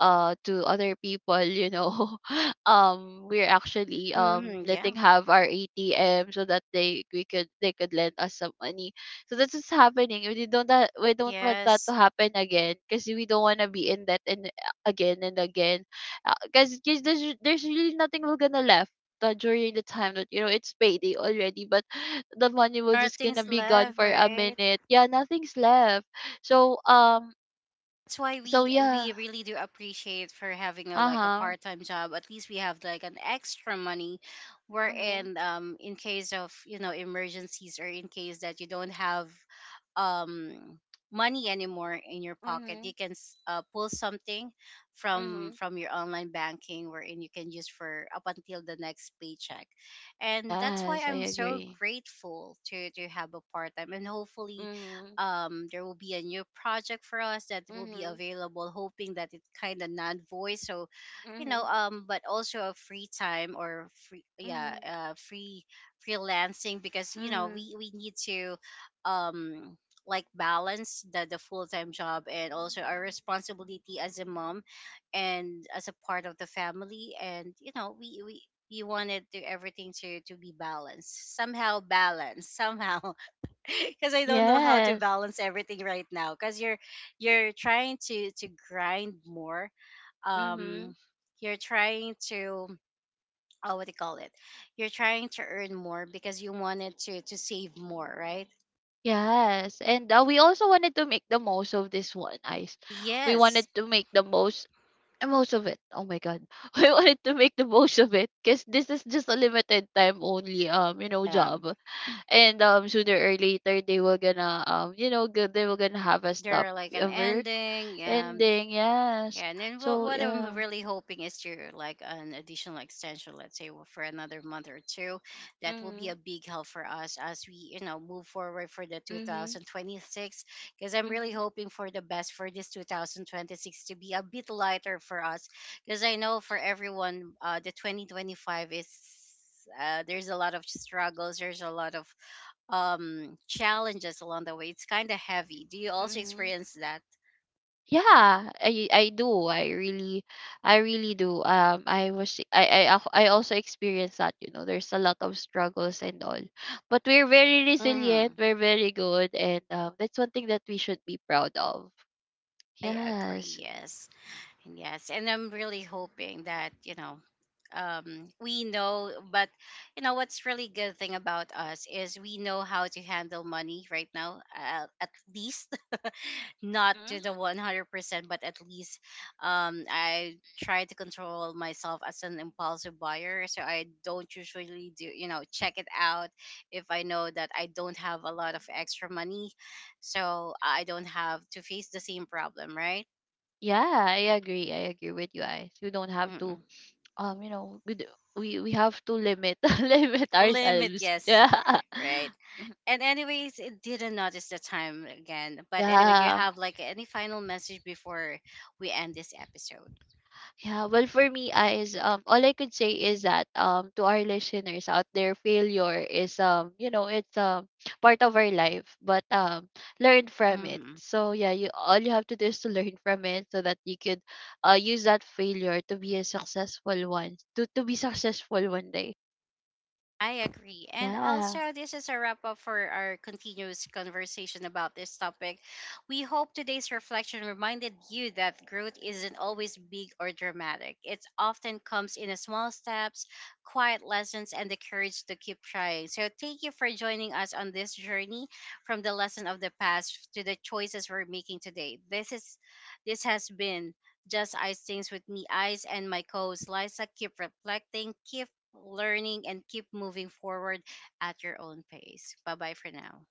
to other people. [laughs] We're actually, Hmm, letting yeah. have our atm so that they could lend us some money. So that's what's happening. We don't want that to Yes. happen again, because we don't want to be in debt and again and again, because there's really nothing we're gonna left, during the time that, it's payday already, but [sighs] the money will There are just gonna things be gone left, for a right? minute. Yeah, nothing's left. So um That's why so yeah. we really do appreciate for having a like a Uh-huh. part-time job, at least we have like an extra money Mhm. wherein in case of you know emergencies, or in case that you don't have um money anymore in your pocket, you Mhm. can pull something Mhm. from your online banking wherein you can use for up until the next paycheck. And that's why Yes, I I'm so agree. grateful to have a part-time, and hopefully Mhm. There will be a new project for us that will be Mhm. available, hoping that it kind of not voice so you know but also a free time or free yeah free freelancing because you know we need to um like balance the full-time job and also our responsibility as a mom, and as a part of the family. And you know we we wanted to everything to be balanced, somehow balanced [laughs] somehow. [laughs] Because I don't know how to balance everything right now. Because you're trying to grind more. Um, you're trying to oh, what do you call it? You're trying to earn more because you wanted to save more, right? Yes, and we also wanted to make the most of this one, Ice. We wanted Yes. to make the most of it. Oh my God, [laughs] we wanted to make the most of it because this is just a limited time only. You know, Um, job, and sooner or later, they were gonna they were gonna have a there stop, are like an work ending. Ending. Yes, Yeah, and then so what I'm yeah. really hoping is to like an additional extension, let's say well, for another month or two. That will be Mhm. a big help for us as we, you know, move forward for the Mhm. 2026. Because I'm really hoping for the best for this 2026 to be a bit lighter for us. Because I know for everyone, the 2025 is there's a lot of struggles. There's a lot of challenges along the way. It's kind of heavy. Do you also Mhm. experience that? Yeah, I do. I really do. I also experienced that, you know. There's a lot of struggles and all. But we're very resilient, Mm-hmm. we're very good, and that's one thing that we should be proud of. I agree. Yes. Yes. And yes. And I'm really hoping that, you know, we know, but you know, what's really good thing about us is we know how to handle money right now, at least [laughs] not Mhm. to the 100%, but at least, I try to control myself as an impulsive buyer. So I don't usually do, you know, check it out if I know that I don't have a lot of extra money. So I don't have to face the same problem, right? Yeah, I agree. I agree with you guys. We don't have to, Mm-mm. You know, we have to limit, [laughs] limit Limit, ourselves. yes. Yeah. Right. [laughs] And anyways, it didn't notice the time again. But anyway, do you Yeah. have like any final message before we end this episode? Yeah, well, for me, is, all I could say is that, to our listeners out there, failure is, you know, it's part of our life, but, learn from it. Hmm. So yeah, you all you have to do is to learn from it, so that you could, use that failure to be a successful one, to be successful one day. I agree. And Yeah. also, this is a wrap up for our continuous conversation about this topic. We hope today's reflection reminded you that growth isn't always big or dramatic. It often comes in a small steps, quiet lessons, and the courage to keep trying. So, thank you for joining us on this journey from the lesson of the past to the choices we're making today. This is this has been just Ice Things with me, Ice, and my co host Liza. Keep reflecting, keep learning, and keep moving forward at your own pace. Bye bye for now.